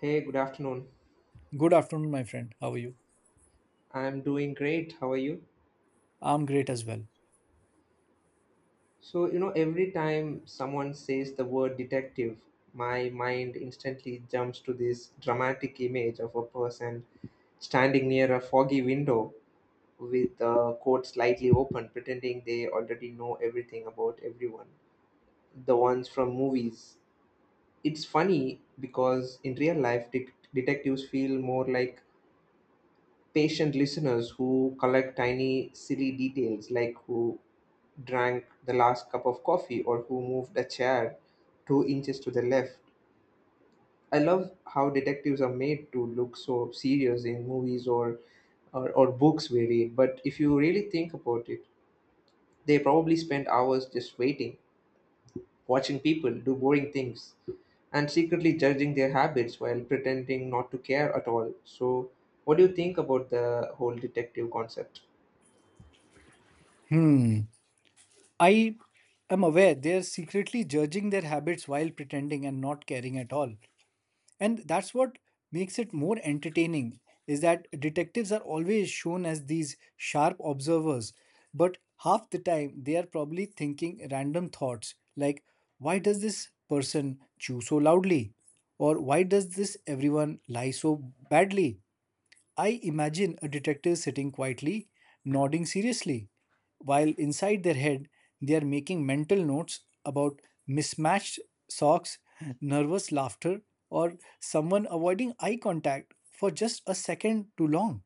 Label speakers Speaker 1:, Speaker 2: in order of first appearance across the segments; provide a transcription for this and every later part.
Speaker 1: Hey, good afternoon.
Speaker 2: Good afternoon, my friend. How are you?
Speaker 1: I'm doing great. How are you?
Speaker 2: I'm great as well.
Speaker 1: So, every time someone says the word detective, my mind instantly jumps to this dramatic image of a person standing near a foggy window with the coat slightly open, pretending they already know everything about everyone. The ones from movies. It's funny because in real life, detectives feel more like patient listeners who collect tiny, silly details, like who drank the last cup of coffee or who moved a chair 2 inches to the left. I love how detectives are made to look so serious in movies or books we read, but if you really think about it, they probably spend hours just waiting, watching people do boring things, and secretly judging their habits while pretending not to care at all. So, what do you think about the whole detective concept?
Speaker 2: Hmm. I am aware they're secretly judging their habits while pretending and not caring at all. And that's what makes it more entertaining is that detectives are always shown as these sharp observers, but half the time they are probably thinking random thoughts like why does this person chew so loudly or why does this everyone lie so badly. I imagine a detective sitting quietly, nodding seriously, while inside their head they are making mental notes about mismatched socks, nervous laughter, or someone avoiding eye contact for just a second too long.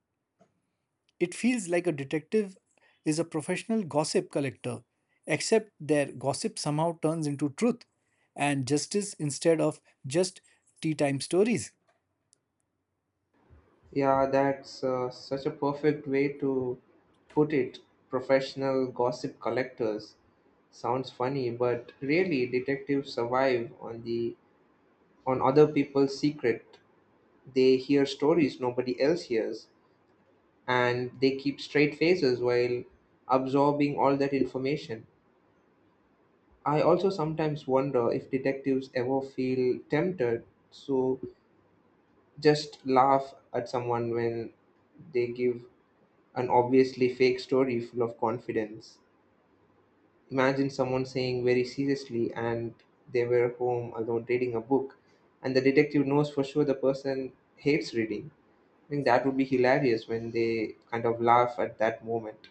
Speaker 2: It feels like a detective is a professional gossip collector, except their gossip somehow turns into truth and justice instead of just tea time stories.
Speaker 1: Yeah, that's such a perfect way to put it. Professional gossip collectors. Sounds funny, but really detectives survive on other people's secret. They hear stories nobody else hears and they keep straight faces while absorbing all that information. I also sometimes wonder if detectives ever feel tempted to just laugh at someone when they give an obviously fake story full of confidence. Imagine someone saying very seriously, and they were home alone reading a book, and the detective knows for sure the person hates reading. I think that would be hilarious when they kind of laugh at that moment.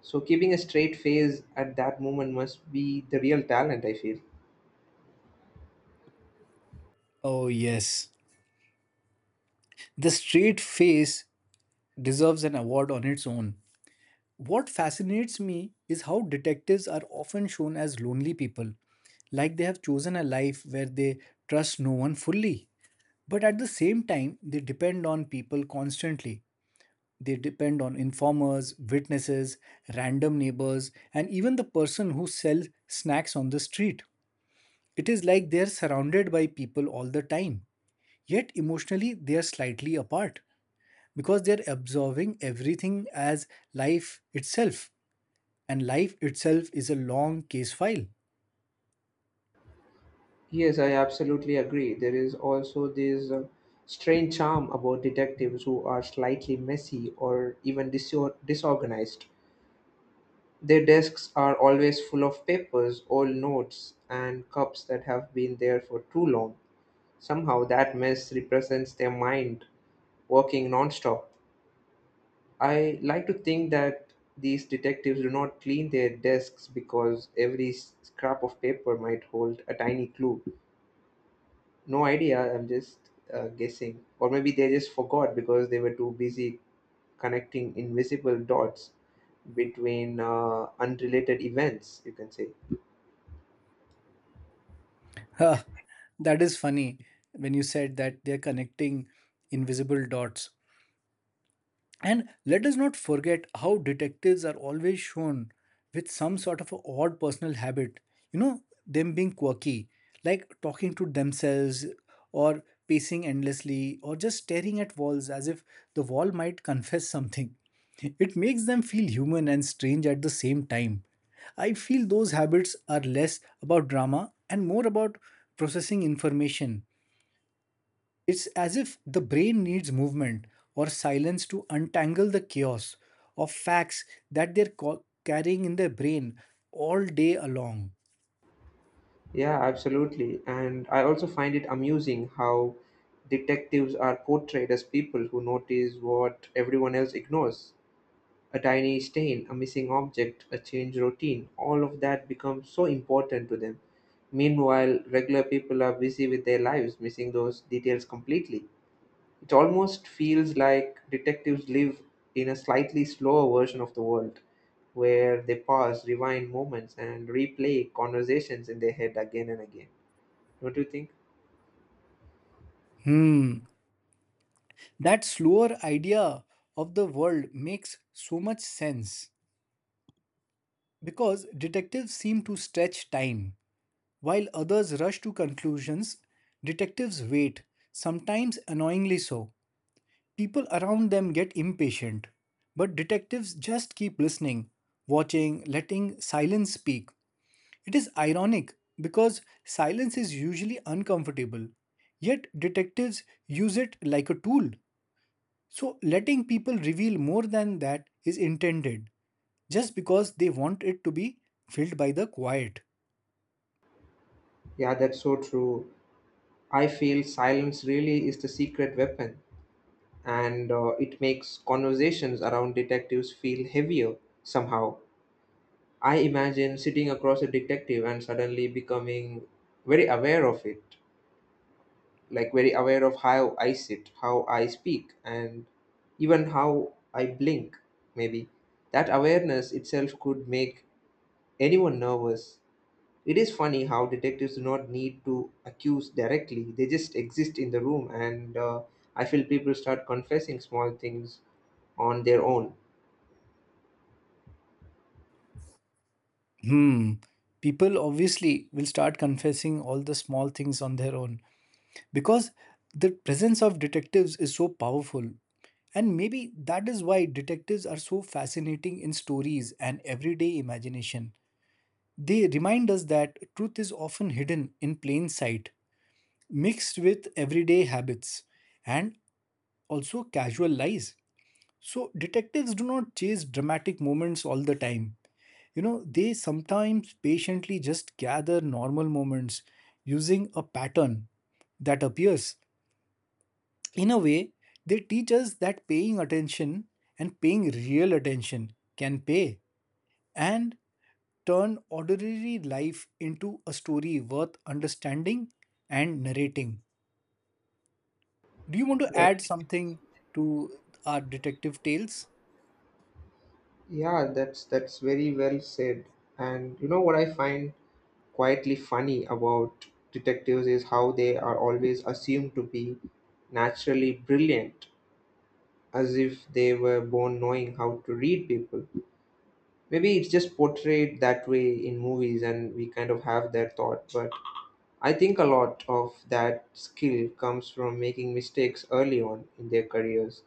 Speaker 1: So, keeping a straight face at that moment must be the real talent, I feel.
Speaker 2: Oh, yes. The straight face deserves an award on its own. What fascinates me is how detectives are often shown as lonely people, like they have chosen a life where they trust no one fully. But at the same time, they depend on people constantly. They depend on informers, witnesses, random neighbors, and even the person who sells snacks on the street. It is like they are surrounded by people all the time, yet emotionally they are slightly apart because they're absorbing everything as life itself, and life itself is a long case file.
Speaker 1: Yes, I absolutely agree. There is also this strange charm about detectives who are slightly messy or even disorganized. Their desks are always full of papers, old notes, and cups that have been there for too long. Somehow, that mess represents their mind working nonstop. I like to think that these detectives do not clean their desks because every scrap of paper might hold a tiny clue. No idea, I'm just guessing. Or maybe they just forgot because they were too busy connecting invisible dots between unrelated events, you can say.
Speaker 2: Huh, that is funny when you said that they're connecting invisible dots. And let us not forget how detectives are always shown with some sort of a odd personal habit. You know, them being quirky, like talking to themselves or pacing endlessly or just staring at walls as if the wall might confess something. It makes them feel human and strange at the same time. I feel those habits are less about drama and more about processing information. It's as if the brain needs movement or silence to untangle the chaos of facts that they're carrying in their brain all day along.
Speaker 1: Yeah, absolutely. And I also find it amusing how detectives are portrayed as people who notice what everyone else ignores. A tiny stain, a missing object, a change routine, all of that becomes so important to them. Meanwhile, regular people are busy with their lives, missing those details completely. It almost feels like detectives live in a slightly slower version of the world, where they pause, rewind moments, and replay conversations in their head again and again. What do you think?
Speaker 2: Hmm, that slower idea of the world makes so much sense because detectives seem to stretch time. While others rush to conclusions, detectives wait, sometimes annoyingly so. People around them get impatient, but detectives just keep listening, watching, letting silence speak. It is ironic because silence is usually uncomfortable, yet detectives use it like a tool. So, letting people reveal more than that is intended just because they want it to be filled by the quiet.
Speaker 1: Yeah, that's so true. I feel silence really is the secret weapon, and it makes conversations around detectives feel heavier somehow. I imagine sitting across a detective and suddenly becoming very aware of it, like very aware of how I sit, how I speak, and even how I blink, maybe. That awareness itself could make anyone nervous. It is funny how detectives do not need to accuse directly, they just exist in the room, and I feel people start confessing small things on their own.
Speaker 2: Hmm, people obviously will start confessing all the small things on their own because the presence of detectives is so powerful. And maybe that is why detectives are so fascinating in stories and everyday imagination. They remind us that truth is often hidden in plain sight, mixed with everyday habits and also casual lies. So, detectives do not chase dramatic moments all the time. You know, they sometimes patiently just gather normal moments using a pattern that appears. In a way, they teach us that paying attention and paying real attention can pay and turn ordinary life into a story worth understanding and narrating. Do you want to
Speaker 1: That,
Speaker 2: add something to our detective tales?
Speaker 1: yeah, that's very well said. And you know what I find quietly funny about detectives is how they are always assumed to be naturally brilliant, as if they were born knowing how to read people. Maybe it's just portrayed that way in movies, and we kind of have their thought, but I think a lot of that skill comes from making mistakes early on in their careers,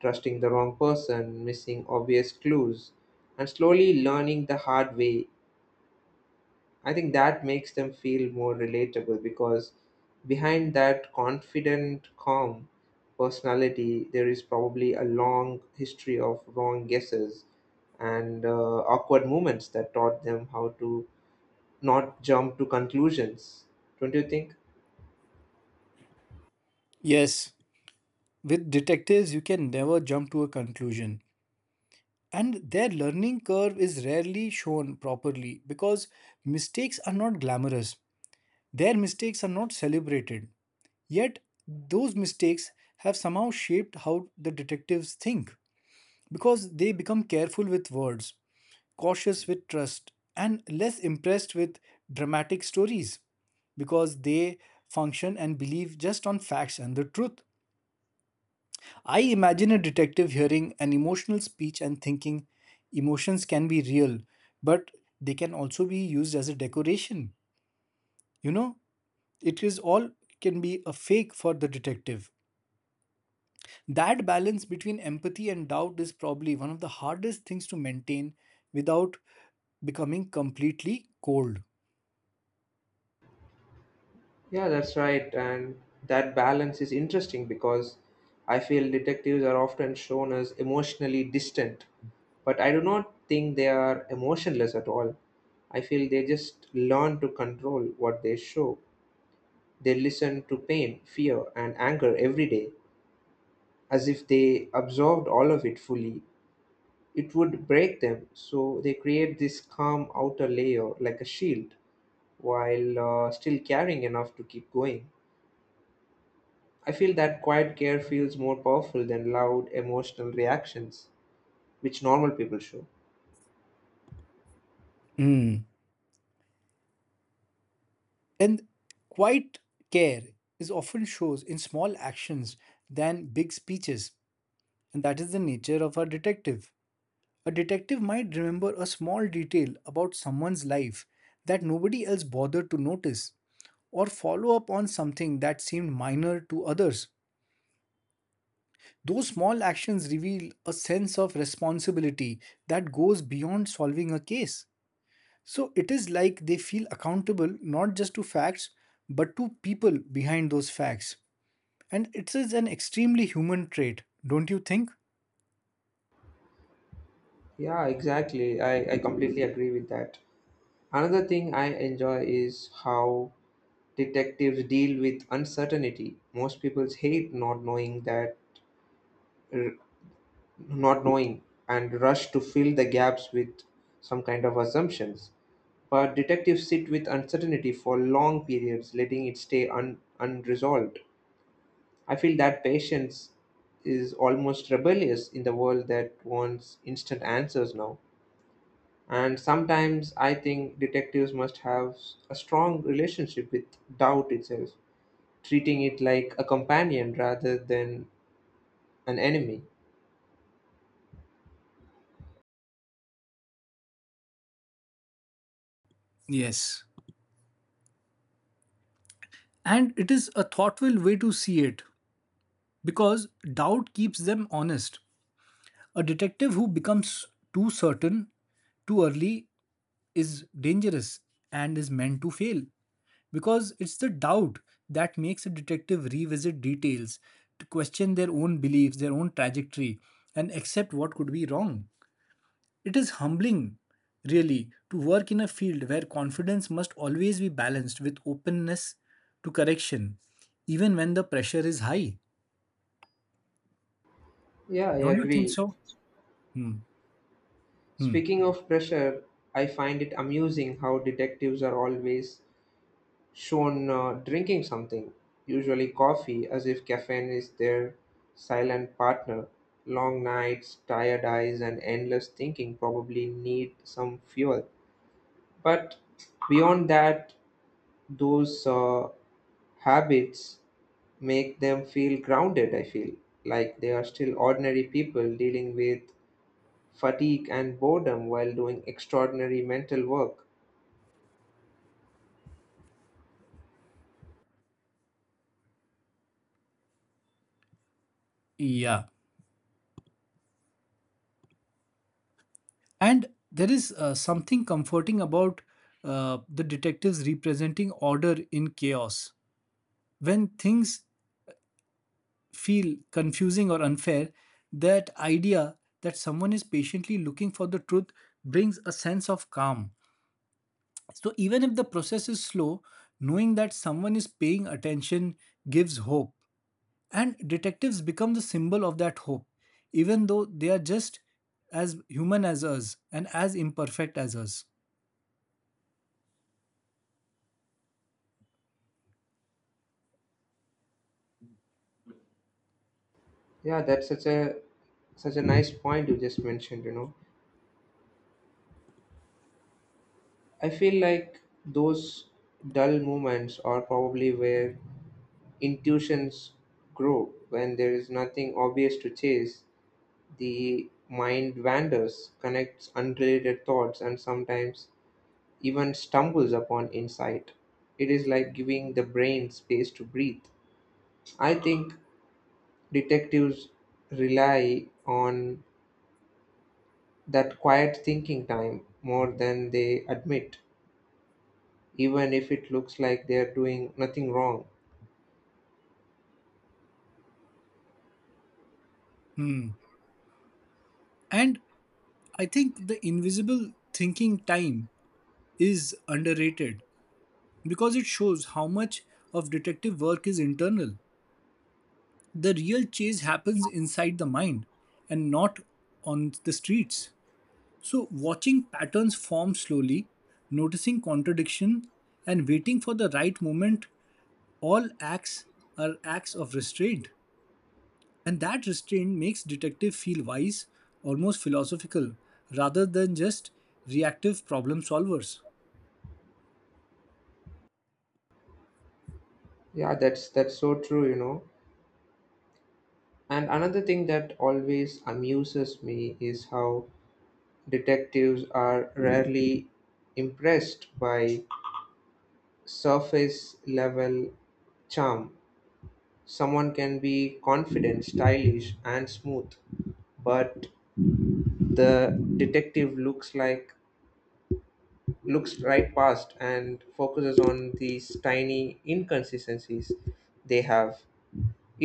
Speaker 1: trusting the wrong person, missing obvious clues, and slowly learning the hard way. I think that makes them feel more relatable because behind that confident, calm personality, there is probably a long history of wrong guesses and awkward moments that taught them how to not jump to conclusions. Don't you think?
Speaker 2: Yes, with detectives, you can never jump to a conclusion. And their learning curve is rarely shown properly because mistakes are not glamorous. Their mistakes are not celebrated. Yet, those mistakes have somehow shaped how the detectives think because they become careful with words, cautious with trust, and less impressed with dramatic stories because they function and believe just on facts and the truth. I imagine a detective hearing an emotional speech and thinking emotions can be real, but they can also be used as a decoration. You know, it is all can be a fake for the detective. That balance between empathy and doubt is probably one of the hardest things to maintain without becoming completely cold.
Speaker 1: Yeah, that's right. And that balance is interesting because I feel detectives are often shown as emotionally distant, but I do not think they are emotionless at all. I feel they just learn to control what they show. They listen to pain, fear, and anger every day as if they absorbed all of it fully. It would break them, so they create this calm outer layer like a shield while still caring enough to keep going. I feel that quiet care feels more powerful than loud emotional reactions, which normal people show.
Speaker 2: Mm. And quiet care is often shows in small actions than big speeches. And that is the nature of a detective. A detective might remember a small detail about someone's life that nobody else bothered to notice, or follow up on something that seemed minor to others. Those small actions reveal a sense of responsibility that goes beyond solving a case. So it is like they feel accountable not just to facts, but to people behind those facts. And it is an extremely human trait, don't you think?
Speaker 1: Yeah, exactly. I completely agree with that. Another thing I enjoy is how detectives deal with uncertainty. Most people hate not knowing that, r- not knowing, and rush to fill the gaps with some kind of assumptions. But detectives sit with uncertainty for long periods, letting it stay unresolved. I feel that patience is almost rebellious in the world that wants instant answers now. And sometimes I think detectives must have a strong relationship with doubt itself, treating it like a companion rather than an enemy.
Speaker 2: Yes. And it is a thoughtful way to see it because doubt keeps them honest. A detective who becomes too certain too early is dangerous and is meant to fail, because it's the doubt that makes a detective revisit details, to question their own beliefs, their own trajectory, and accept what could be wrong. It is humbling, really, to work in a field where confidence must always be balanced with openness to correction, even when the pressure is high.
Speaker 1: Yeah, I
Speaker 2: Don't you think
Speaker 1: agree.
Speaker 2: so? Hmm. Hmm.
Speaker 1: Speaking of pressure, I find it amusing how detectives are always shown drinking something, usually coffee, as if caffeine is their silent partner. Long nights, tired eyes, and endless thinking probably need some fuel. But beyond that, those habits make them feel grounded, I feel like they are still ordinary people dealing with fatigue and boredom while doing extraordinary mental work.
Speaker 2: Yeah. And there is something comforting about the detectives representing order in chaos. When things feel confusing or unfair, that idea that someone is patiently looking for the truth brings a sense of calm. So, even if the process is slow, knowing that someone is paying attention gives hope. And detectives become the symbol of that hope, even though they are just as human as us and as imperfect as us.
Speaker 1: Yeah, that's such a nice point you just mentioned. I feel like those dull moments are probably where intuitions grow. When there is nothing obvious to chase, the mind wanders, connects unrelated thoughts, and sometimes even stumbles upon insight. It is like giving the brain space to breathe. I think detectives rely on that quiet thinking time more than they admit, even if it looks like they are doing nothing wrong.
Speaker 2: Hmm. And I think the invisible thinking time is underrated because it shows how much of detective work is internal. The real chase happens inside the mind and not on the streets. So, watching patterns form slowly, noticing contradiction, and waiting for the right moment all acts are acts of restraint. And that restraint makes detective feel wise, almost philosophical, rather than just reactive problem solvers.
Speaker 1: Yeah, that's so true, you know. And another thing that always amuses me is how detectives are rarely impressed by surface level charm. Someone can be confident, stylish, and smooth, but the detective looks right past and focuses on these tiny inconsistencies they have.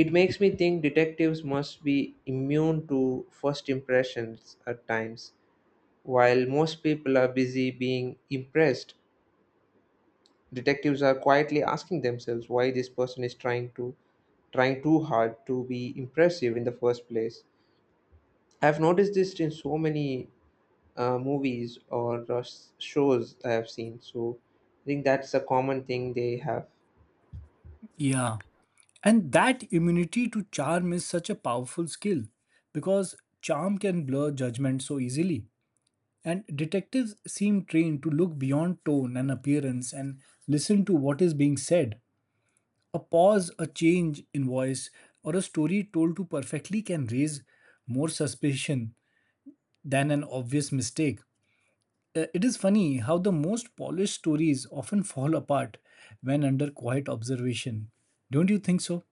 Speaker 1: It makes me think detectives must be immune to first impressions at times. While most people are busy being impressed, detectives are quietly asking themselves why this person is trying too hard to be impressive in the first place. I've noticed this in so many movies or shows I have seen. So I think that's a common thing they have.
Speaker 2: Yeah. And that immunity to charm is such a powerful skill because charm can blur judgment so easily. And detectives seem trained to look beyond tone and appearance and listen to what is being said. A pause, a change in voice, or a story told too perfectly can raise more suspicion than an obvious mistake. It is funny how the most polished stories often fall apart when under quiet observation. Don't you think so?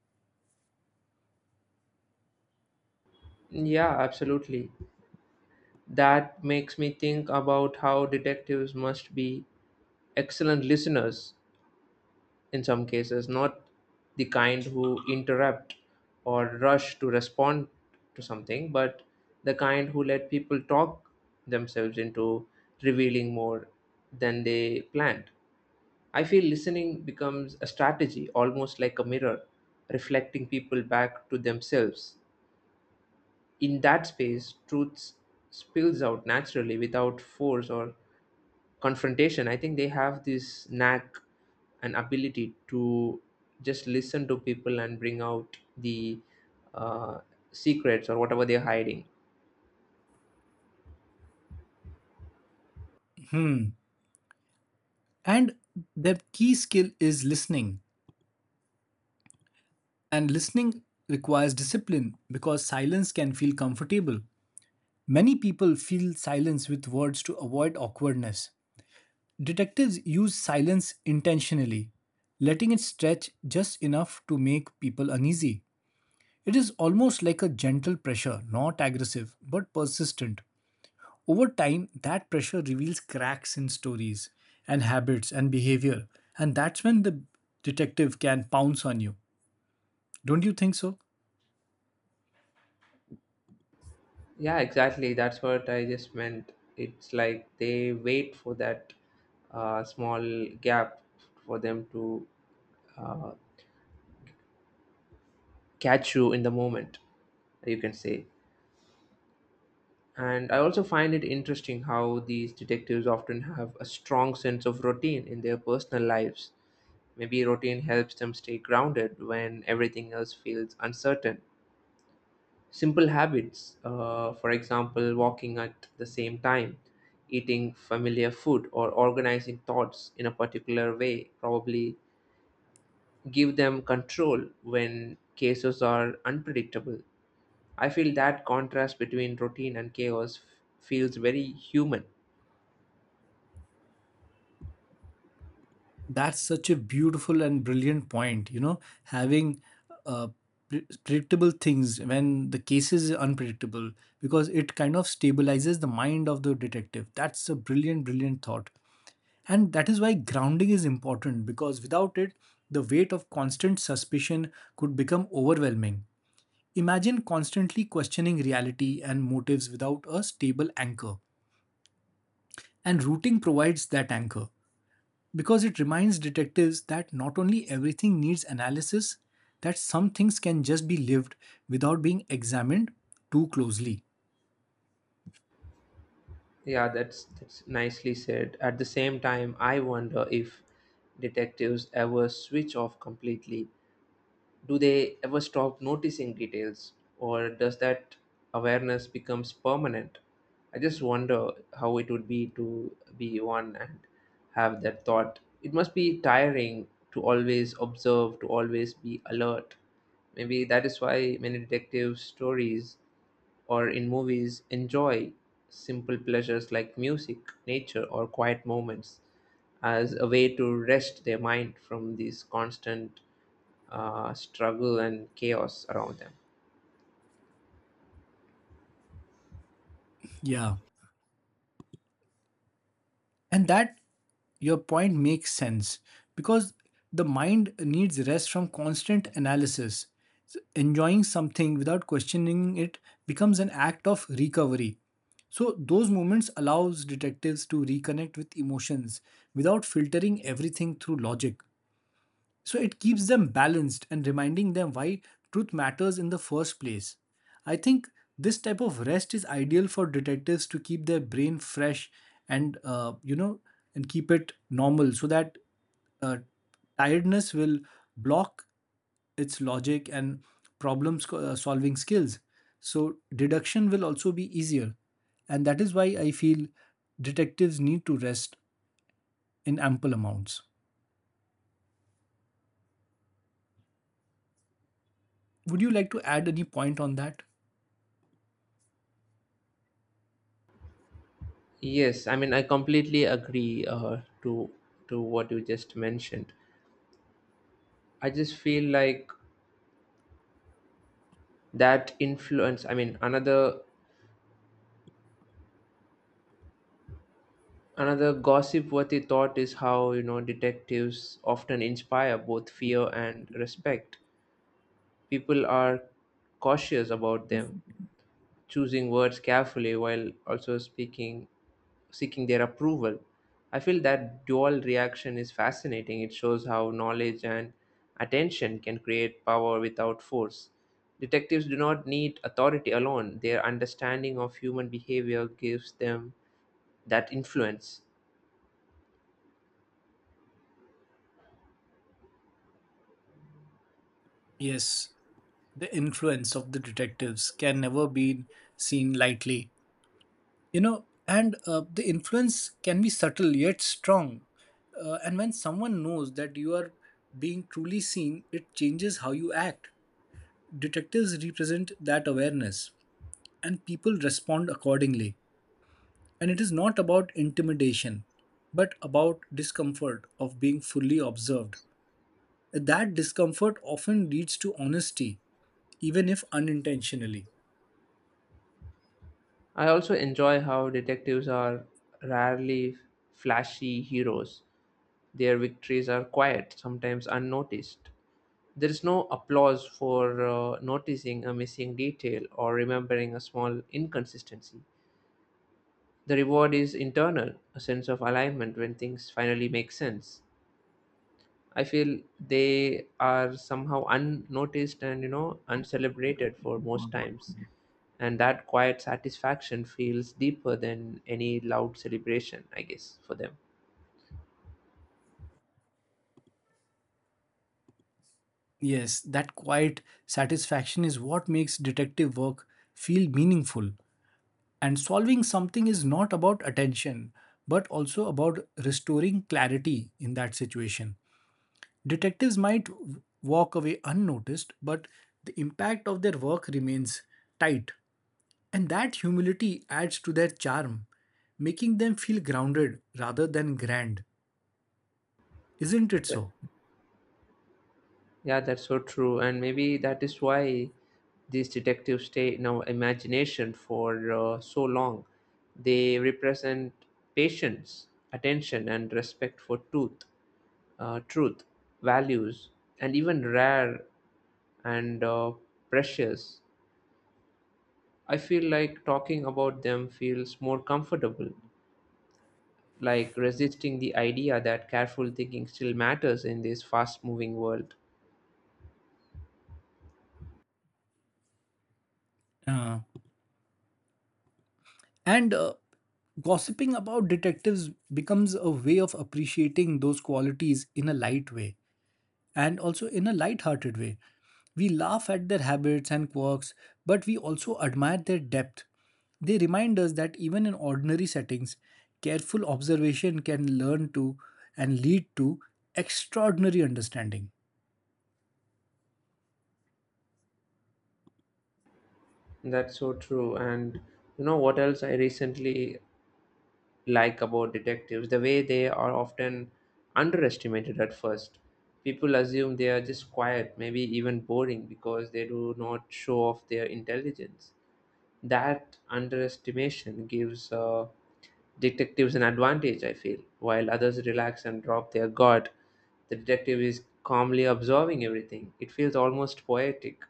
Speaker 1: Yeah, absolutely. That makes me think about how detectives must be excellent listeners in some cases, not the kind who interrupt or rush to respond to something, but the kind who let people talk themselves into revealing more than they planned. I feel listening becomes a strategy, almost like a mirror, reflecting people back to themselves. In that space, truth spills out naturally without force or confrontation. I think they have this knack and ability to just listen to people and bring out the uh, secrets or whatever they're hiding.
Speaker 2: And the key skill is listening. And listening requires discipline because silence can feel comfortable. Many people fill silence with words to avoid awkwardness. Detectives use silence intentionally, letting it stretch just enough to make people uneasy. It is almost like a gentle pressure, not aggressive, but persistent. Over time, that pressure reveals cracks in stories and habits and behavior, and that's when the detective can pounce on you. Don't you think so?
Speaker 1: Yeah, exactly, that's what I just meant. It's like they wait for that small gap for them to uh, catch you in the moment, you can say. And I also find it interesting how these detectives often have a strong sense of routine in their personal lives. Maybe routine helps them stay grounded when everything else feels uncertain. Simple habits, for example, walking at the same time, eating familiar food, or organizing thoughts in a particular way, probably give them control when cases are unpredictable. I feel that contrast between routine and chaos feels very human.
Speaker 2: That's such a beautiful and brilliant point. You know, having uh, predictable things when the case is unpredictable because it kind of stabilizes the mind of the detective. That's a brilliant, brilliant thought. And that is why grounding is important because without it, the weight of constant suspicion could become overwhelming. Imagine constantly questioning reality and motives without a stable anchor. And routing provides that anchor, because it reminds detectives that not only everything needs analysis, that some things can just be lived without being examined too closely.
Speaker 1: Yeah, that's nicely said. At the same time, I wonder if detectives ever switch off completely. Do they ever stop noticing details, or does that awareness becomes permanent? I just wonder how it would be to be one and have that thought. It must be tiring to always observe, to always be alert. Maybe that is why many detective stories or in movies, enjoy simple pleasures like music, nature, or quiet moments as a way to rest their mind from this constant struggle and chaos around them.
Speaker 2: Yeah. And that your point makes sense because the mind needs rest from constant analysis. So enjoying something without questioning it becomes an act of recovery. So those moments allows detectives to reconnect with emotions without filtering everything through logic. So it keeps them balanced and reminding them why truth matters in the first place. I think this type of rest is ideal for detectives to keep their brain fresh and you know and keep it normal so that uh, tiredness will block its logic and problem solving skills. So deduction will also be easier and that is why I feel detectives need to rest in ample amounts. Would you like to add any point on that?
Speaker 1: Yes, I mean I completely agree to to what you just mentioned. I just feel like that influence. I mean another gossip worthy thought is how detectives often inspire both fear and respect. People are cautious about them, choosing words carefully while also speaking, seeking their approval. I feel that dual reaction is fascinating. It shows how knowledge and attention can create power without force. Detectives do not need authority alone, their understanding of human behavior gives them that influence.
Speaker 2: Yes, the influence of the detectives can never be seen lightly. You know, and the influence can be subtle yet strong. And when someone knows that you are being truly seen, it changes how you act. Detectives represent that awareness, and people respond accordingly. And it is not about intimidation, but about discomfort of being fully observed. That discomfort often leads to honesty, even if unintentionally.
Speaker 1: I also enjoy how detectives are rarely flashy heroes. Their victories are quiet, sometimes unnoticed. There is no applause for noticing a missing detail or remembering a small inconsistency. The reward is internal, a sense of alignment when things finally make sense. I feel they are somehow unnoticed and uncelebrated for most times, and that quiet satisfaction feels deeper than any loud celebration, I guess, for them.
Speaker 2: Yes, that quiet satisfaction is what makes detective work feel meaningful. And solving something is not about attention, but also about restoring clarity in that situation. Detectives might walk away unnoticed, but the impact of their work remains tight. And that humility adds to their charm, making them feel grounded rather than grand. Isn't it so?
Speaker 1: Yeah, that's so true. And maybe that is why these detectives stay in our imagination for so long. They represent patience, attention, and respect for truth, values, and even rare and precious. I feel like talking about them feels more comfortable, like resisting the idea that careful thinking still matters in this fast moving world.
Speaker 2: Uh, and Gossiping about detectives becomes a way of appreciating those qualities in a light way and also in a light-hearted way. We laugh at their habits and quirks, but we also admire their depth. They remind us that even in ordinary settings, careful observation can learn to and lead to extraordinary understanding.
Speaker 1: That's so true. And you know what else I recently like about detectives? The way they are often underestimated at first. People assume they are just quiet, maybe even boring, because they do not show off their intelligence. That underestimation gives detectives an advantage, I feel. While others relax and drop their guard, the detective is calmly observing everything. It feels almost poetic,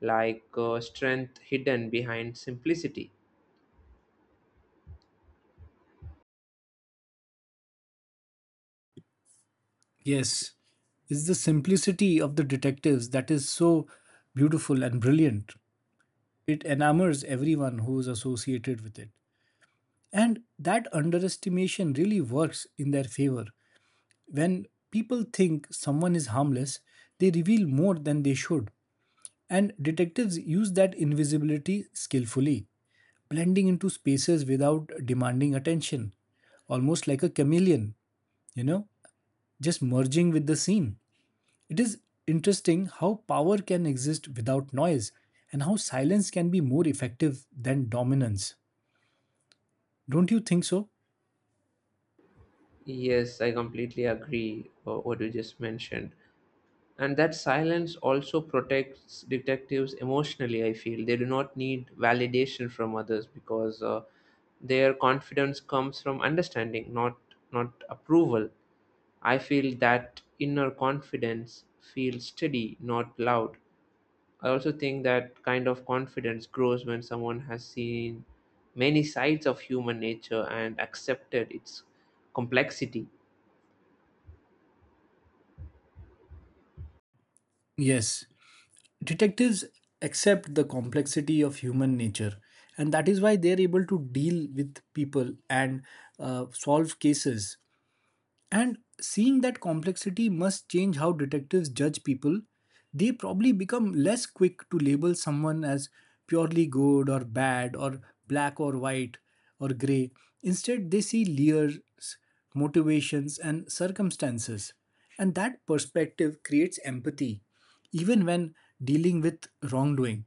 Speaker 1: like strength hidden behind simplicity.
Speaker 2: Yes, it's the simplicity of the detectives that is so beautiful and brilliant. It enamors everyone who is associated with it. And that underestimation really works in their favor. When people think someone is harmless, they reveal more than they should. And detectives use that invisibility skillfully, blending into spaces without demanding attention, almost like a chameleon, you know, just merging with the scene. It is interesting how power can exist without noise and how silence can be more effective than dominance. Don't you think so?
Speaker 1: Yes, I completely agree what you just mentioned. And that silence also protects detectives emotionally. I feel they do not need validation from others because their confidence comes from understanding, not approval. I feel that inner confidence feels steady, not loud. I also think that kind of confidence grows when someone has seen many sides of human nature and accepted its complexity.
Speaker 2: Yes, detectives accept the complexity of human nature and that is why they are able to deal with people and solve cases and seeing that complexity must change how detectives judge people. They probably become less quick to label someone as purely good or bad or black or white or grey. Instead, they see layers, motivations, and circumstances. And that perspective creates empathy, even when dealing with wrongdoing.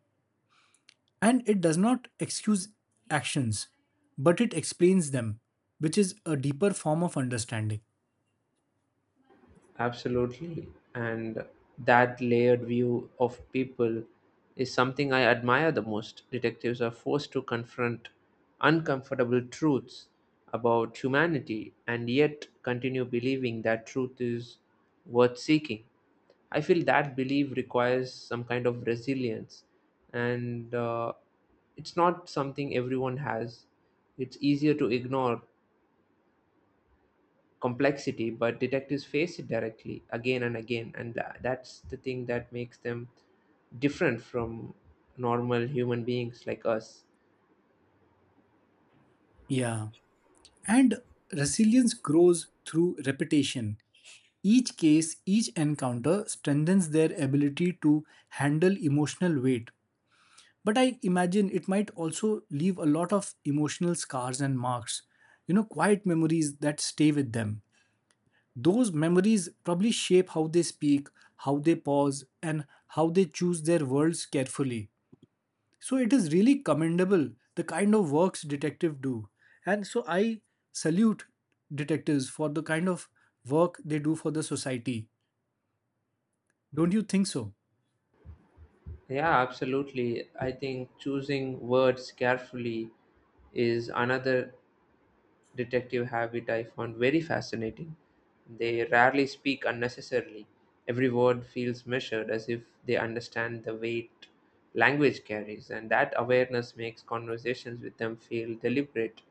Speaker 2: And it does not excuse actions, but it explains them, which is a deeper form of understanding.
Speaker 1: Absolutely. And that layered view of people is something I admire the most. Detectives are forced to confront uncomfortable truths about humanity and yet continue believing that truth is worth seeking. I feel that belief requires some kind of resilience, and it's not something everyone has. It's easier to ignore complexity, but detectives face it directly again and again, and that's the thing that makes them different from normal human beings like us.
Speaker 2: Yeah. And resilience grows through repetition. Each case, each encounter strengthens their ability to handle emotional weight. But I imagine it might also leave a lot of emotional scars and marks, you know, quiet memories that stay with them. Those memories probably shape how they speak, how they pause, and how they choose their words carefully. So it is really commendable the kind of works detectives do. And so I salute detectives for the kind of work they do for the society. Don't you think so?
Speaker 1: Yeah, absolutely, I think choosing words carefully is another detective habit I found very fascinating. They rarely speak unnecessarily. Every word feels measured as if they understand the weight language carries, and that awareness makes conversations with them feel deliberate,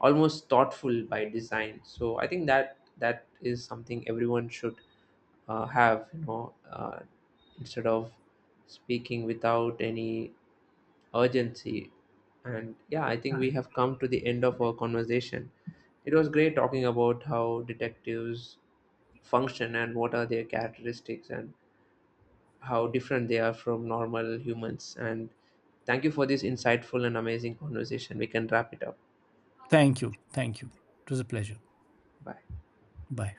Speaker 1: almost thoughtful by design. So I think that that is something everyone should have, instead of speaking without any urgency. And yeah, I think we have come to the end of our conversation. It was great talking about how detectives function and what are their characteristics and how different they are from normal humans. And thank you for this insightful and amazing conversation. We can wrap it up.
Speaker 2: Thank you. Thank you. It was a pleasure.
Speaker 1: Bye.
Speaker 2: Bye.